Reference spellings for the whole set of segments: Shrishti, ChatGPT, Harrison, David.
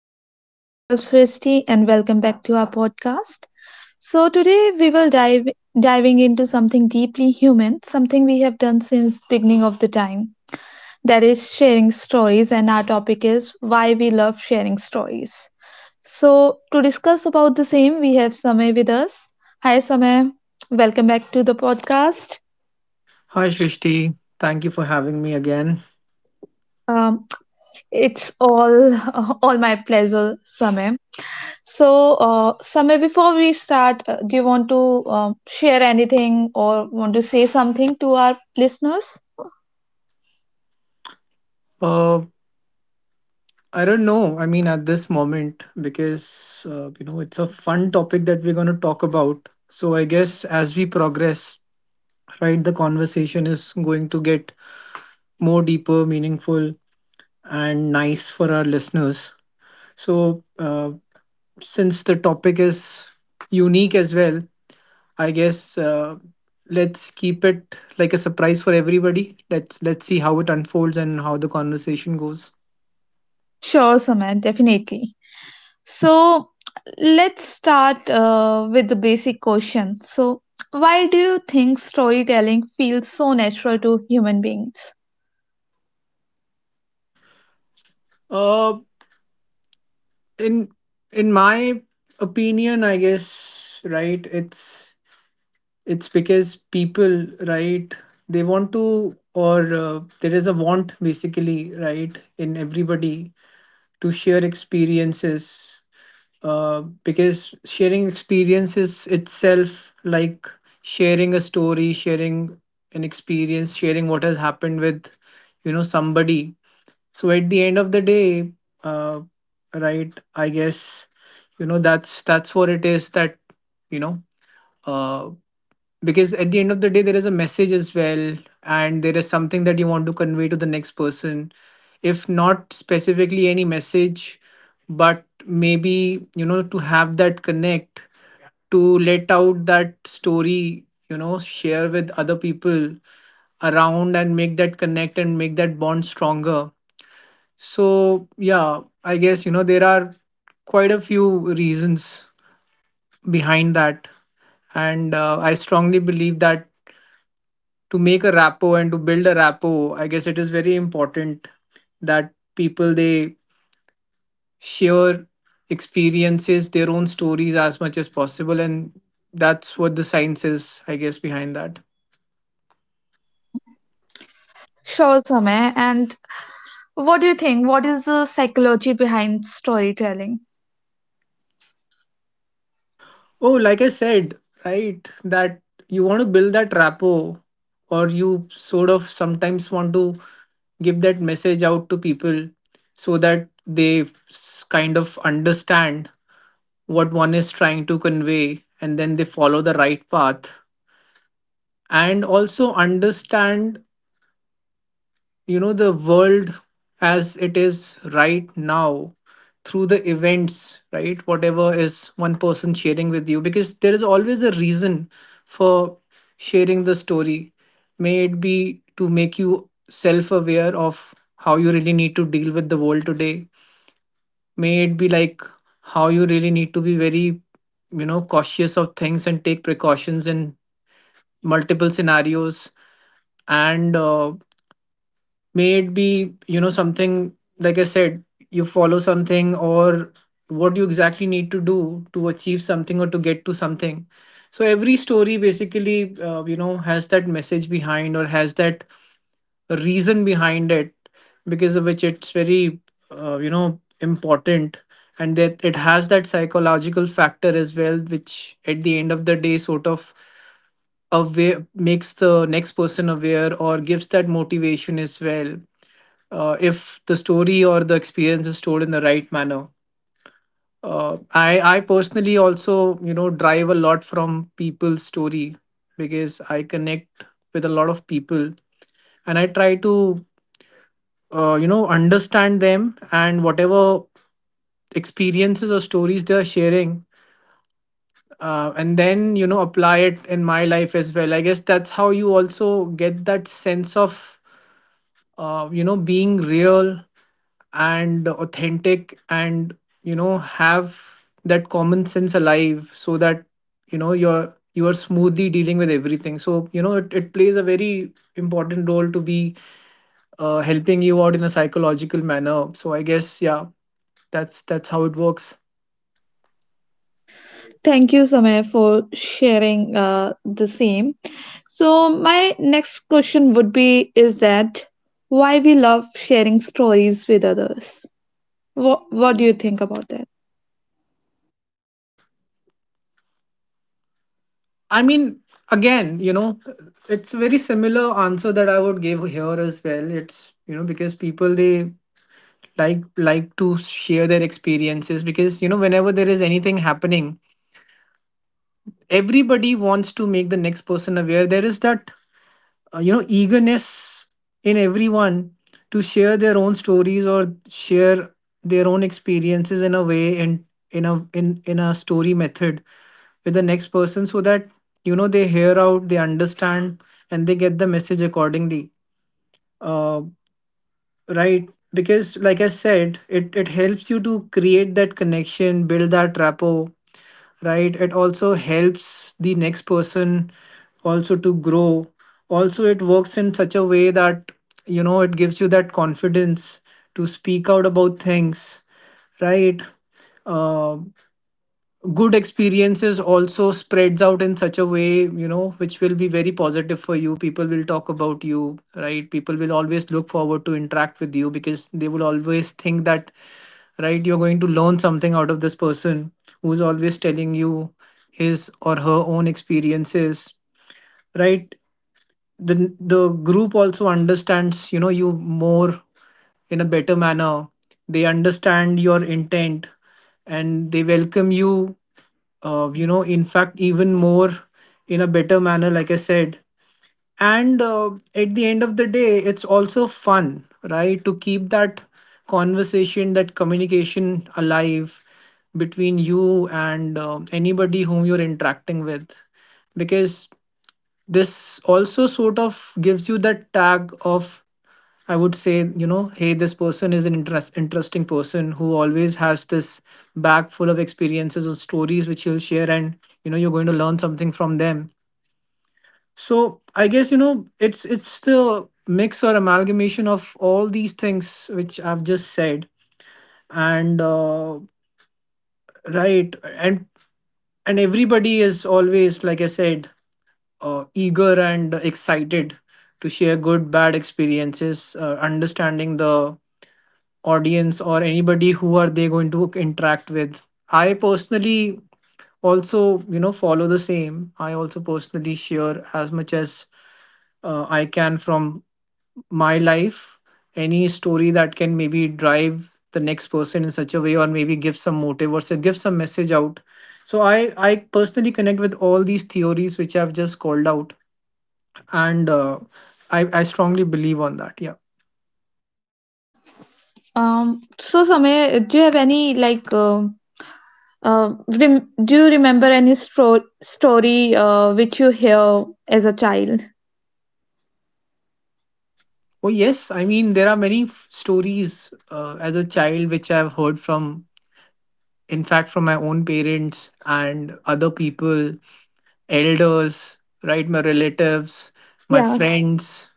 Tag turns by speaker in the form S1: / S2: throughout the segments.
S1: Everyone, myself Srishti, and welcome back to our podcast. So today we will dive diving into something deeply human, something we have done since beginning of the time. That is sharing stories, and our topic is why we love sharing stories. So to discuss about the same, we have Samay with us. Hi Samay, welcome back to the podcast.
S2: Hi, Shrishti. Thank you for having me again.
S1: Um, it's all all my pleasure, Samay. So, Samir, before we start, do you want to share anything or want to say something to our listeners?
S2: Uh, I don't know. I mean, at this moment, because you know, it's a fun topic that we're going to talk about. So I guess as we progress, right, the conversation is going to get more deeper, meaningful, and nice for our listeners. So since the topic is unique as well, I guess let's keep it like a surprise for everybody. Let's see how it unfolds and how the conversation goes.
S1: Sure, Samay, definitely. So, let's start with the basic question. So, why do you think storytelling feels so natural to human beings?
S2: Uh, in in my opinion, I guess right, it's because people, right, they want to, or there is a want basically, right, in everybody to share experiences, because sharing experiences itself, like sharing a story, sharing an experience, sharing what has happened with, you know, somebody. So at the end of the day, uh, right, I guess, you know, that's what it is, that you know, uh, because at the end of the day, there is a message as well, and there is something that you want to convey to the next person. If not specifically any message, but maybe, you know, to have that connect, to let out that story, you know, share with other people around and make that connect and make that bond stronger. So yeah, I guess, you know, there are quite a few reasons behind that, and I strongly believe that to make a rapport and to build a rapport, I guess it is very important that people, they share experiences, their own stories as much as possible, and that's what the science is, I guess, behind that.
S1: Sure, Samay. And what do you think? What is the psychology behind storytelling?
S2: Oh, like I said, right, that you want to build that rapport, or you sort of sometimes want to give that message out to people so that they kind of understand what one is trying to convey, and then they follow the right path and also understand, you know, the world as it is right now through the events, right, whatever is one person sharing with you, because there is always a reason for sharing the story. May it be to make you self aware of how you really need to deal with the world today, may it be like how you really need to be very, you know, cautious of things and take precautions in multiple scenarios, and may it be, you know, something, like I said, you follow something, or what you exactly need to do to achieve something or to get to something. So every story basically, you know, has that message behind, or has that reason behind it, because of which it's very, you know, important, and that it has that psychological factor as well, which at the end of the day sort of aware makes the next person aware, or gives that motivation as well, if the story or the experience is told in the right manner. I personally also, you know, drive a lot from people's story, because I connect with a lot of people, and I try to, you know, understand them, and whatever experiences or stories they are sharing, and then, you know, apply it in my life as well. I guess that's how you also get that sense of, you know, being real and authentic, and you know, have that common sense alive, so that you know, you are smoothly dealing with everything. So you know, it plays a very important role to be, helping you out in a psychological manner. So I guess yeah, that's how it works.
S1: Thank you, Samay, for sharing the same. So, my next question would be, is that why we love sharing stories with others? What do you think about that?
S2: I mean, again, you know, it's a very similar answer that I would give here as well. It's, you know, because people, they like to share their experiences, because you know, whenever there is anything happening, everybody wants to make the next person aware. There is that, you know, eagerness in everyone to share their own stories, or share their own experiences in a way, and in a in in a story method with the next person, so that you know, they hear out, they understand, and they get the message accordingly. Uh, right, because like I said, it helps you to create that connection, build that rapport, right. It also helps the next person also to grow. Also it works in such a way that you know, it gives you that confidence to speak out about things, right. Uh, Good experiences also spreads out in such a way, you know, which will be very positive for you. People will talk about you, right. People will always look forward to interact with you, because they will always think that right, you're going to learn something out of this person, who's always telling you his or her own experiences, right. The group also understands, you know, you more in a better manner. They understand your intent, and they welcome you, you know, in fact even more in a better manner, like I said. And at the end of the day, it's also fun, right, to keep that conversation, that communication alive between you and anybody whom you're interacting with, because this also sort of gives you that tag of, I would say, you know, hey, this person is an interesting person, who always has this bag full of experiences or stories which he'll share, and you know, you're going to learn something from them. So I guess you know, it's the mix or amalgamation of all these things which I've just said, and right, and everybody is always, like I said, eager and excited to share good, bad experiences, understanding the audience or anybody who are they going to interact with. I personally also, you know, follow the same. I also personally share as much as, I can from my life, any story that can maybe drive the next person in such a way, or maybe give some motive, or so give some message out. So I personally connect with all these theories which I've just called out, and I strongly believe on that, yeah.
S1: So Samay, do you have any like do you remember any story which you hear as a child?
S2: Oh, yes. I mean, there are many stories as a child which I've heard from, in fact, from my own parents and other people, elders, right? My relatives, my
S1: Yeah.
S2: friends.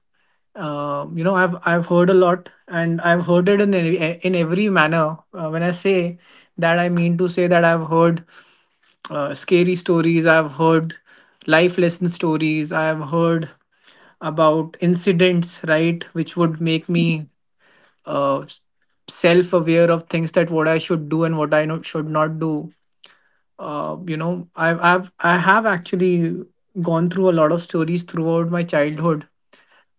S2: You know, I've heard a lot, and I've heard it in every, in every manner. When I say that, I mean to say that I've heard scary stories. I've heard life lesson stories. I've heard about incidents, right, which would make me, uh, self aware of things, that what I should do and what I should not do. You know, I have actually gone through a lot of stories throughout my childhood,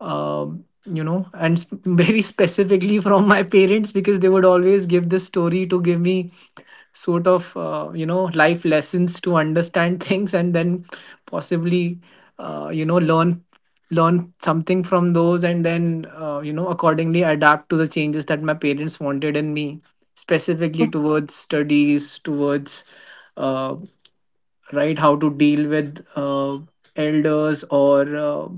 S2: you know, and very specifically from my parents, because they would always give this story to give me sort of, you know, life lessons to understand things, and then possibly, you know, learn something from those, and then you know, accordingly adapt to the changes that my parents wanted in me, specifically towards studies, towards, uh, right, how to deal with elders, or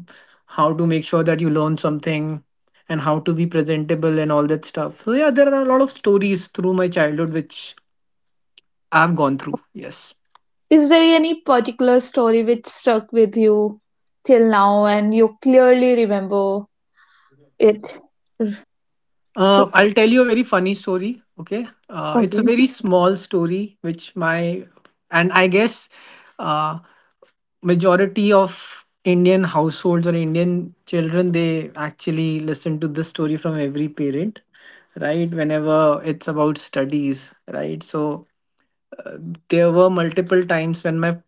S2: how to make sure that you learn something, and how to be presentable and all that stuff. So yeah, there are a lot of stories through my childhood which I've gone through, yes.
S1: Is there any particular story which stuck with you till now and you clearly remember it? Mm. So,
S2: Uh, I'll tell you a very funny story. Okay, it's a
S1: okay.
S2: very small story which my, and I guess uh, majority of Indian households or Indian children, they actually listen to this story from every parent, right, whenever it's about studies, right. So there were multiple times when my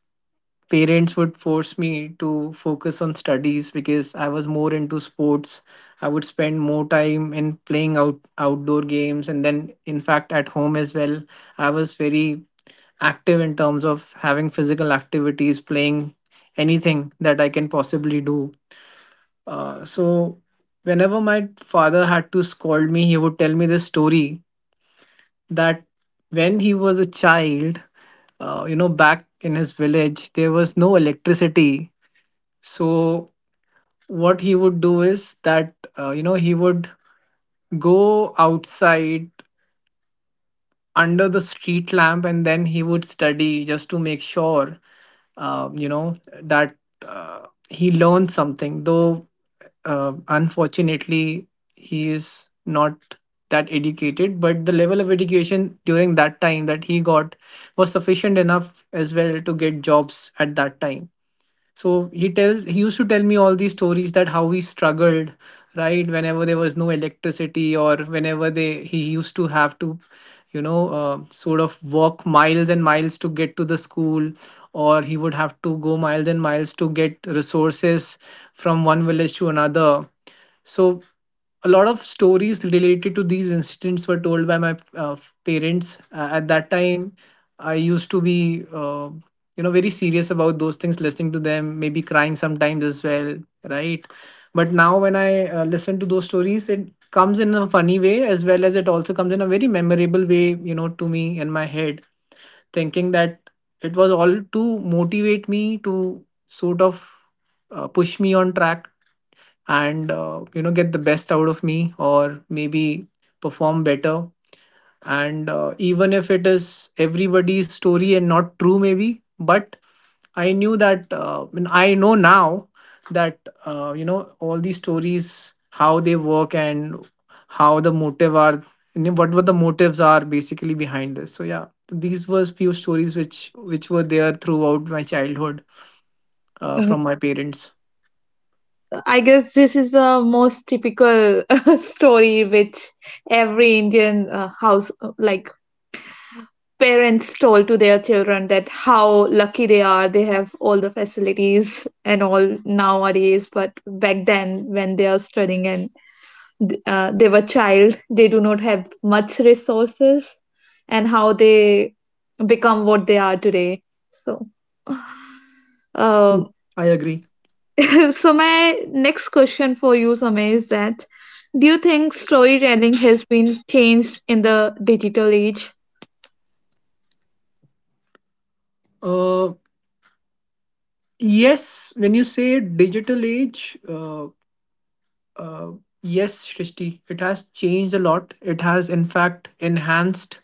S2: parents would force me to focus on studies, because I was more into sports. I would spend more time in playing out outdoor games, and then in fact at home as well. I was very active in terms of having physical activities, playing anything that I can possibly do. So whenever my father had to scold me, he would tell me this story, that when he was a child, you know, back in his village, there was no electricity. So, what he would do is that, he would go outside under the street lamp and then he would study just to make sure uh, you know that he learned something. Though unfortunately he is not that educated, but the level of education during that time that he got was sufficient enough as well to get jobs at that time. So he used to tell me all these stories, that how he struggled, right? Whenever there was no electricity, or whenever they he used to have to, sort of, walk miles and miles to get to the school, or he would have to go miles and miles to get resources from one village to another. So a lot of stories related to these incidents were told by my parents at that time. I used to be very serious about those things, listening to them, maybe crying sometimes as well, right? But now when I listen to those stories, it comes in a funny way, as well as it also comes in a very memorable way, you know, to me in my head, thinking that it was all to motivate me to sort of push me on track and get the best out of me, or maybe perform better. And even if it is everybody's story and not true maybe, but I knew that, and I know now, that all these stories, how they work, and how the motive are you know, what were the motives are basically behind this. So yeah, these were few stories which were there throughout my childhood,
S1: Uh,
S2: from my parents.
S1: I guess this is the most typical story which every Indian house, like parents told to their children that how lucky they are, they have all the facilities and all nowadays. But back then, when they are studying and they were child, they do not have much resources, and how they become what they are today. So
S2: Mm.
S1: um,
S2: I agree.
S1: so my next question for you, Samay, is that do you think storytelling has been changed in the digital age?
S2: uh, Yes, when you say digital age, uh, yes, Shrishti, it has changed a lot. It has, in fact, enhanced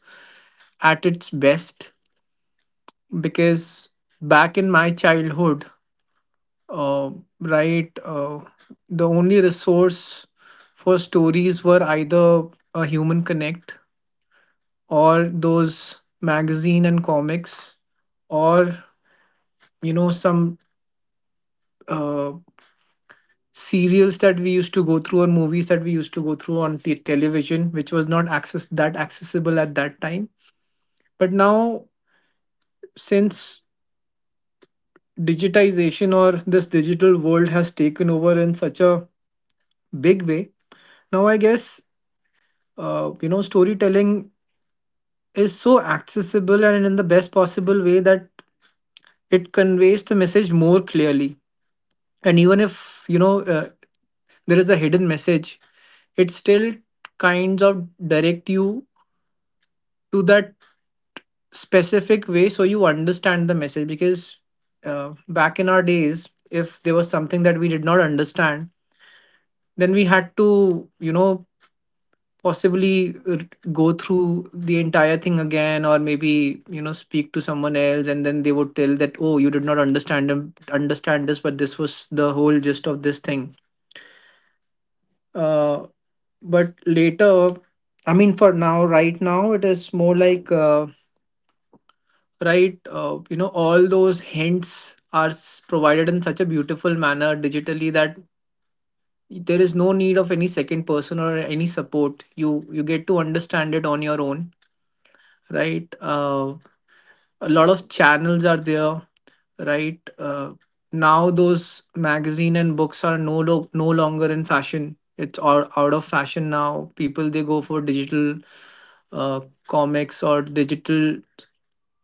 S2: at its best. Because back in my childhood, uh, right, uh, the only resource for stories were either a human connect, or those magazine and comics, or you know some uh, serials that we used to go through, or movies that we used to go through on the television, which was not access that accessible at that time. But now, since digitization, or this digital world has taken over in such a big way, now I guess storytelling is so accessible, and in the best possible way, that it conveys the message more clearly. And even if there is a hidden message, it still kinds of direct you to that specific way, so you understand the message. Because back in our days, if there was something that we did not understand, then we had to, you know, possibly go through the entire thing again, or maybe, you know, speak to someone else, and then they would tell that, oh, you did not understand this, but this was the whole gist of this thing. uh, but later, I mean, for now, right now, it is more like, right you know, all those hints are provided in such a beautiful manner digitally, that there is no need of any second person or any support. You get to understand it on your own, right uh, a lot of channels are there, right uh, now those magazine and books are no longer in fashion. It's all out of fashion now. People, they go for digital uh, comics, or digital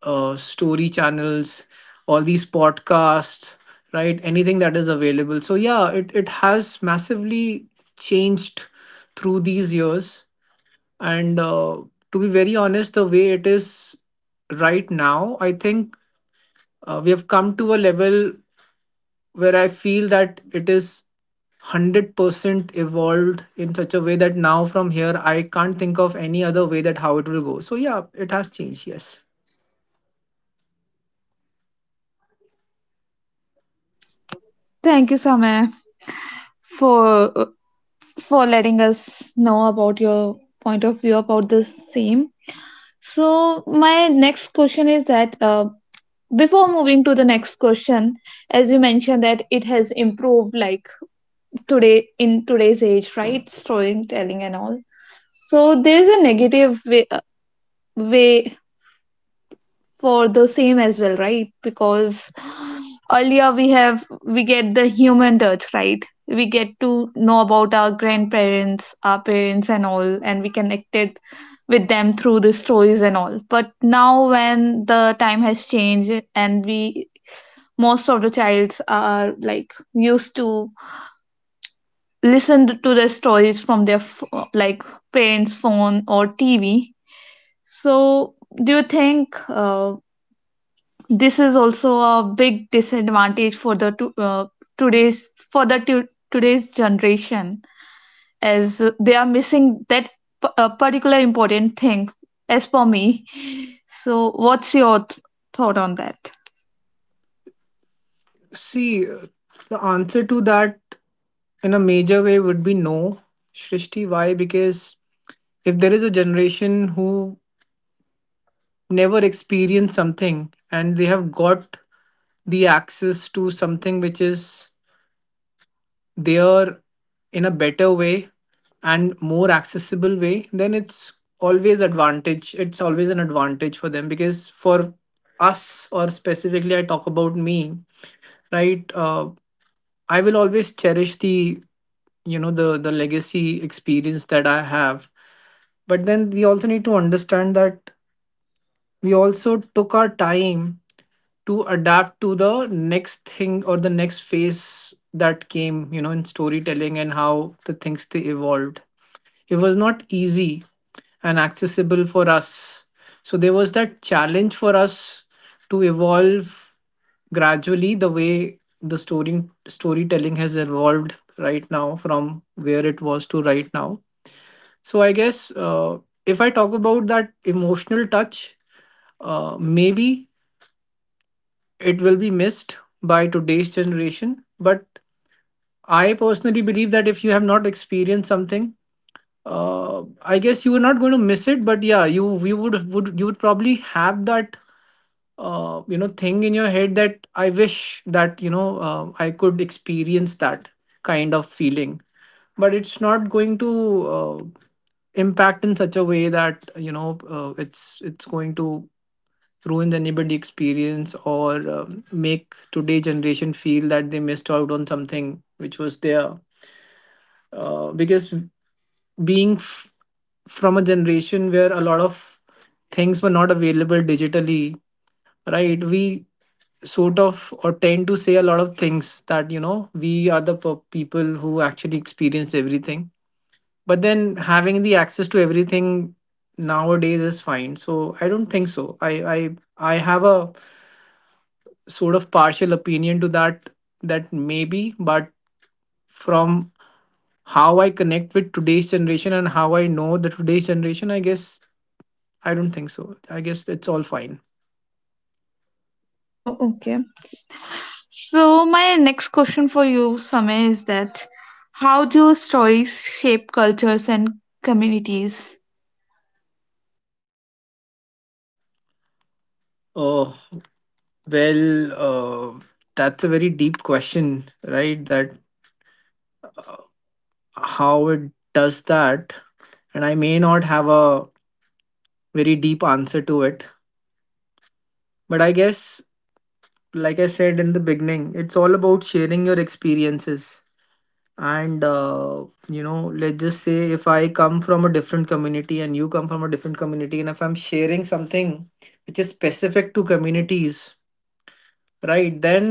S2: story channels, all these podcasts, right? Anything that is available. So yeah, it has massively changed through these years. And to be very honest, the way it is right now, I think we have come to a level where I feel that it is 100% evolved in such a way that now from here, I can't think of any other way that how it will go. So, yeah, it has changed, yes.
S1: Thank you, Samay, for for letting us know about your point of view about the same. So my next question is that, before moving to the next question, as you mentioned that it has improved, like today in today's age, right, storytelling and all, so there is a negative way for the same as well, right? Because earlier we have, we get the human touch, right, we get to know about our grandparents, our parents and all, and we connected with them through the stories and all. But now when the time has changed, and we, most of the childs are like used to listen to the stories from their like parents phone or TV. So do you think this is also a big disadvantage for the to, today's generation, as they are missing that particular important thing, as for me? So what's your thought on that?
S2: See, the answer to that in a major way would be no. Shrishti, why? Because if there is a generation who never experienced something, and they have got the access to something which is there in a better way and more accessible way, then it's always advantage it's always an advantage for them. Because for us, or specifically I talk about me, right uh, I will always cherish the, you know, the legacy experience that I have. But then we also need to understand that we also took our time to adapt to the next thing, or the next phase that came, you know, in storytelling, and how the things they evolved. It was not easy and accessible for us. So there was that challenge for us to evolve gradually the way the storytelling has evolved right now, from where it was to right now. So I guess if I talk about that emotional touch, maybe it will be missed by today's generation. But I personally believe that if you have not experienced something, I guess you were not going to miss it. But yeah, you would probably have that thing in your head that I wish that, I could experience that kind of feeling. But it's not going to impact in such a way that, it's going to ruin the neighborhood experience, or make today generation feel that they missed out on something which was there. Because being f- from a generation where a lot of things were not available digitally, right, we sort of, or tend to say a lot of things that, you know, we are the people who actually experience everything. But then having the access to everything nowadays is fine. So I don't think so. I I have a sort of partial opinion to that, that maybe. But from how I connect with today's generation, and how I know the today's generation, I guess I don't think so. I guess it's all fine.
S1: Oh, okay. So, my next question for you, Samay, is that how do stories shape cultures and communities?
S2: Oh, well, that's a very deep question, right? That uh, how it does that. And I may not have a very deep answer to it, but I guess, like I said in the beginning, it's all about sharing your experiences. And let's just say if I come from a different community, and you come from a different community, and if I'm sharing something which is specific to communities, right, then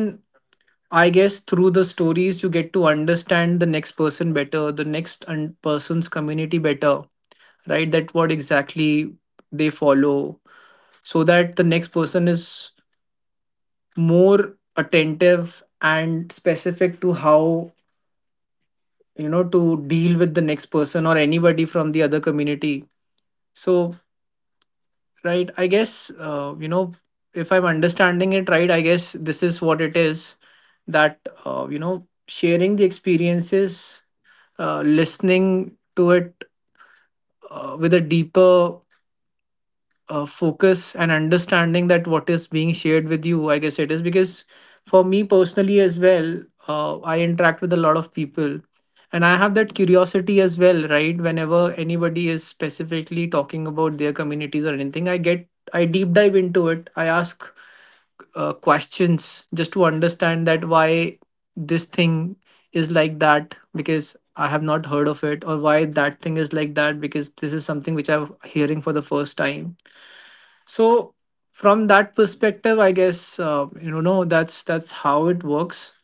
S2: I guess through the stories you get to understand the next person better, the person's community better, right? That what exactly they follow. So that the next person is more attentive and specific to how, you know, to deal with the next person, or anybody from the other community. So, right, I guess, if I'm understanding it right, I guess this is what it is. That sharing the experiences, listening to it, with a deeper focus, and understanding that what is being shared with you, I guess it is. Because for me personally as well, I interact with a lot of people, and I have that curiosity as well, right? Whenever anybody is specifically talking about their communities, or anything, I deep dive into it, I ask questions, just to understand that why this thing is like that, because I have not heard of it. Or why that thing is like that, because this is something which I'm hearing for the first time. So from that perspective, I guess, no, that's how it works.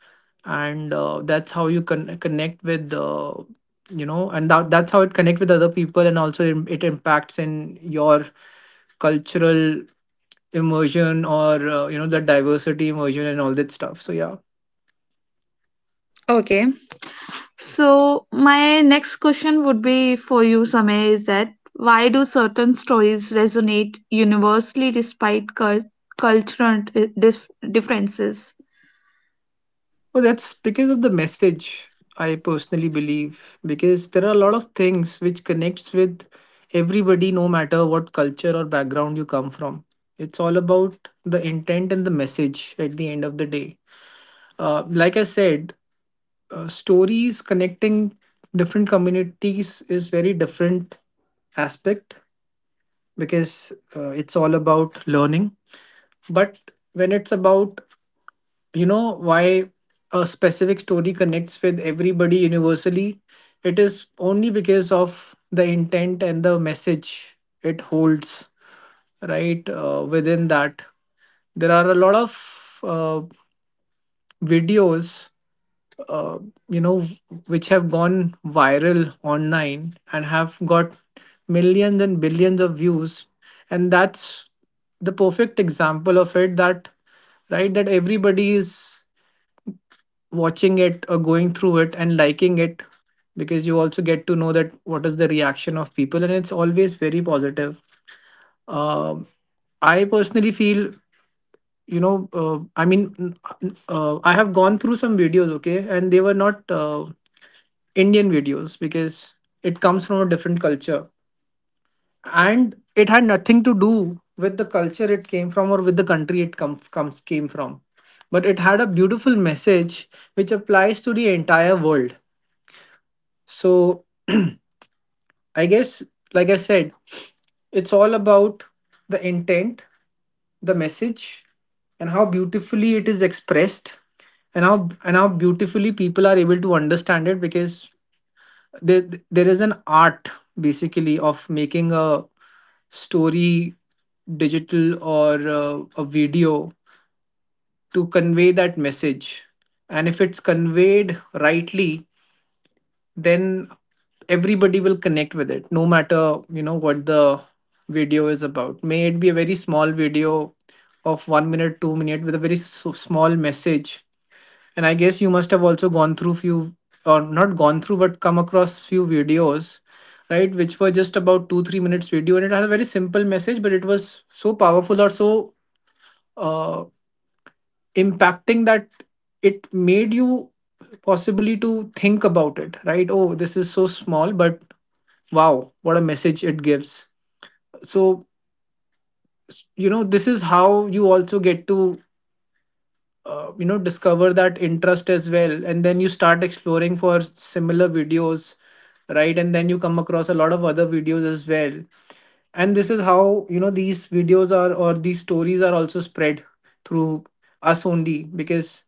S2: And that's how you connect with, you know, and that's how it connect with other people. And also, it impacts in your cultural immersion, or you know, the diversity immersion and all that stuff. So yeah.
S1: Okay. So, my next question would be for you, Samay, is that why do certain stories resonate universally despite cultural differences?
S2: Well, that's because of the message, I personally believe. Because there are a lot of things which connects with everybody, no matter what culture or background you come from. It's all about the intent and the message at the end of the day. Like I said, stories connecting different communities is very different aspect, because it's all about learning. But when it's about, you know, why a specific story connects with everybody universally, it is only because of the intent and the message it holds. Right Within that there are a lot of videos, uh, you know which have gone viral online, and have got millions and billions of views. And that's the perfect example of it. That, right, that everybody is watching it, or going through it, and liking it, because you also get to know that what is the reaction of people, and it's always very positive. um, I personally feel, you know, I mean, I have gone through some videos, okay, and they were not Indian videos, because it comes from a different culture, and it had nothing to do with the culture it came from, or with the country it com- comes came from. But it had a beautiful message which applies to the entire world. So, I guess, like I said, it's all about the intent, the message, and how beautifully it is expressed, and how beautifully people are able to understand it. Because there is an art, basically, of making a story digital, or a video, to convey that message. And if it's conveyed rightly, then everybody will connect with it, no matter, you know, what the video is about. May it be a very small video of 1 minute 2 minute, with a very so small message. And I guess you must have also gone through few, or not gone through, but come across few videos, right, which were just about 2 3 minutes video, and it had a very simple message, but it was so powerful, or so uh, impacting, that it made you possibly to think about it. Right, oh, this is so small, but, wow, what a message it gives. So, you know, this is how you also get to, discover that interest as well, and then you start exploring for similar videos, right? And then you come across a lot of other videos as well. And this is how, you know, these videos are, or these stories are also spread through us only. Because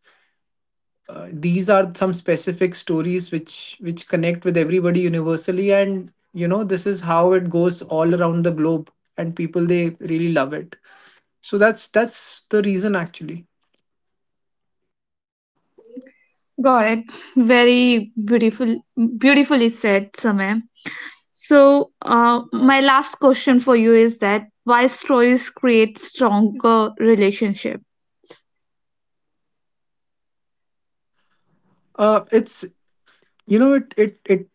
S2: these are some specific stories which connect with everybody universally, and you know, this is how it goes all around the globe, and people, they really love it. So that's the reason actually.
S1: Got it. Very beautifully said, Samay. So, my last question for you is that why stories create stronger relationship?
S2: It's, you know, it,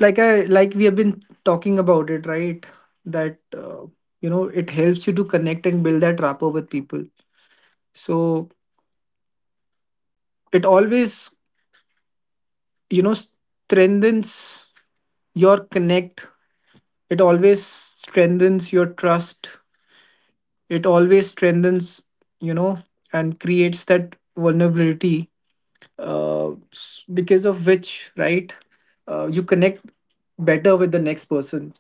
S2: like I, like we have been talking about it, right? That it helps you to connect and build that rapport with people. So it always, you know, strengthens your connect, it always strengthens your trust, it always strengthens, you know, and creates that vulnerability. Because of which, right, you connect better with the next person.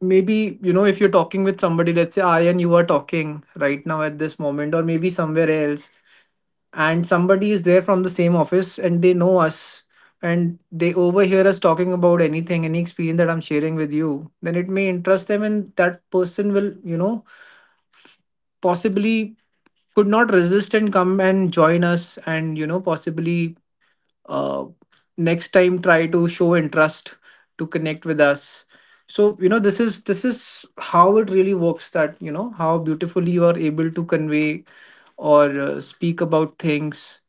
S2: Maybe, you know, if you're talking with somebody, let's say I and you are talking right now at this moment, or maybe somewhere else, and somebody is there from the same office, and they know us, and they overhear us talking about anything, any experience that I'm sharing with you, then it may interest them, and that person will, you know, possibly could not resist and come and join us, and you know, possibly, uh, next time try to show interest to connect with us. So, you know, this is how it really works. That, you know, how beautifully you are able to convey, or speak about things.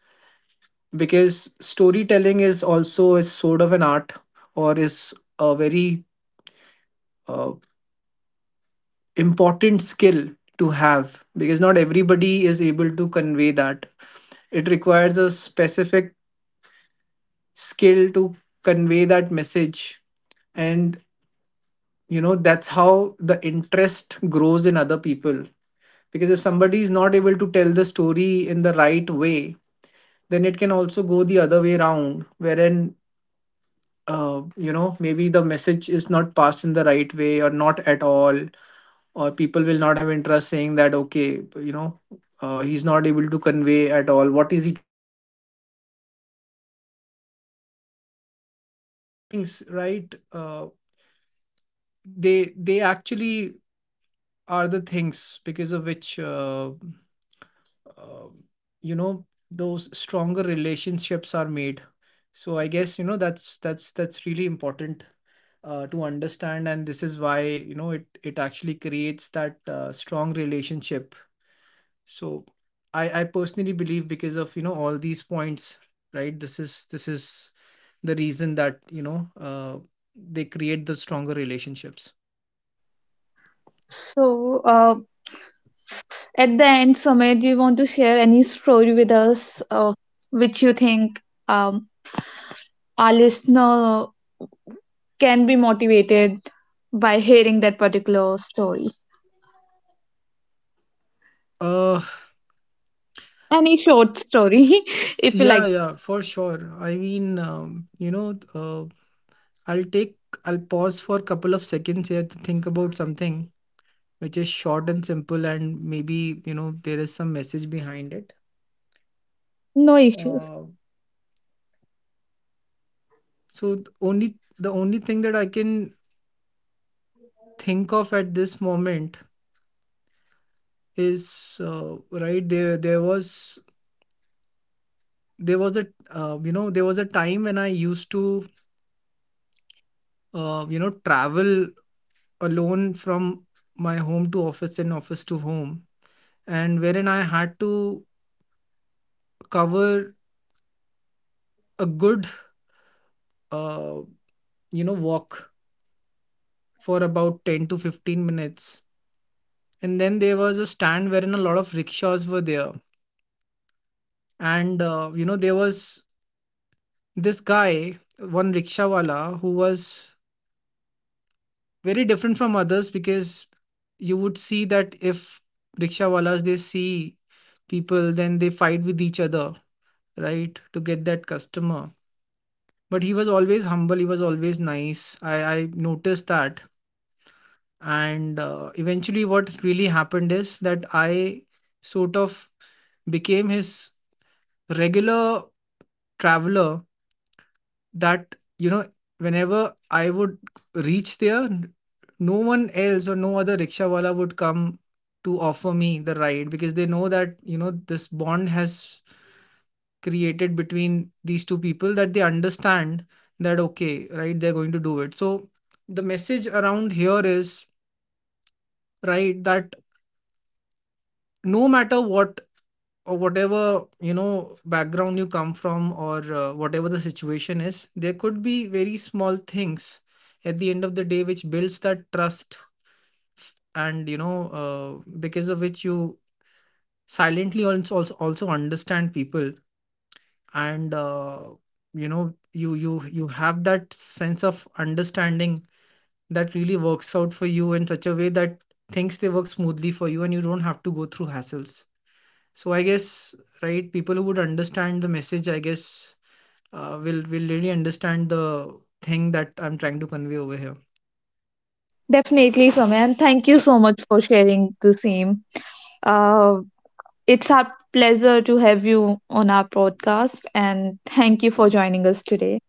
S2: Because storytelling is also, is sort of an art, or is a very uh, important skill to have, because not everybody is able to convey that. It requires a specific skill to convey that message. And, you know, that's how the interest grows in other people. Because if somebody is not able to tell the story in the right way, then it can also go the other way around, wherein, you know, maybe the message is not passed in the right way, or not at all. Or people will not have interest, saying that, okay, you know, he's not able to convey at all what is he
S3: Is, right. They actually are the things because of which uh, those stronger relationships are made. So I guess that's really important to understand, and this is why it actually creates that strong relationship. So I personally believe, because of all these points, right, this is the reason that they create the stronger relationships.
S1: So, at the end, Samay, do you want to share any story with us, which you think um, our listener can be motivated by hearing that particular story?
S3: Uh,
S1: Any short story, if you
S3: yeah,
S1: like.
S3: yeah, for sure. I mean, I'll take, I'll pause for a couple of seconds here to think about something which is short and simple, and maybe, you know, there is some message behind it.
S1: No issues.
S3: Uh, so the only thing that I can think of at this moment is, there was a, there was a time when I used to, travel alone from my home to office and office to home, and wherein I had to cover a good uh, walk for about 10 to 15 minutes. And then there was a stand wherein a lot of rickshaws were there, and there was this guy, one rickshawala, who was very different from others, because you would see that if rickshawalas, they see people, then they fight with each other, right, to get that customer. But he was always humble, he was always nice. I noticed that. And eventually what really happened is that I sort of became his regular traveler. That, you know, whenever I would reach there, no one else or no other rickshawala would come to offer me the ride, because they know that, you know, this bond has created between these two people, that they understand that, okay, right, they're going to do it. So the message around here is, right, that no matter what, or whatever, you know, background you come from, or whatever the situation is, there could be very small things at the end of the day which builds that trust. And you know, because of which you silently also understand people. And you have that sense of understanding that really works out for you in such a way that things, they work smoothly for you, and you don't have to go through hassles. So I guess, right, people who would understand the message, I guess, will really understand the thing that I'm trying to convey over here.
S1: Definitely, Soumya, and thank you so much for sharing the same. Uh, it's our pleasure to have you on our podcast, and thank you for joining us today.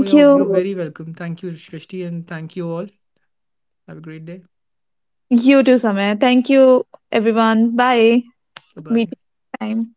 S3: Oh, you're
S1: you,
S3: very welcome. Thank you, Shrishti, and thank you all. Have a great day.
S1: you too, Soumya. Thank you, everyone. Bye.
S3: Bye
S1: Meet
S3: bye.
S1: you time.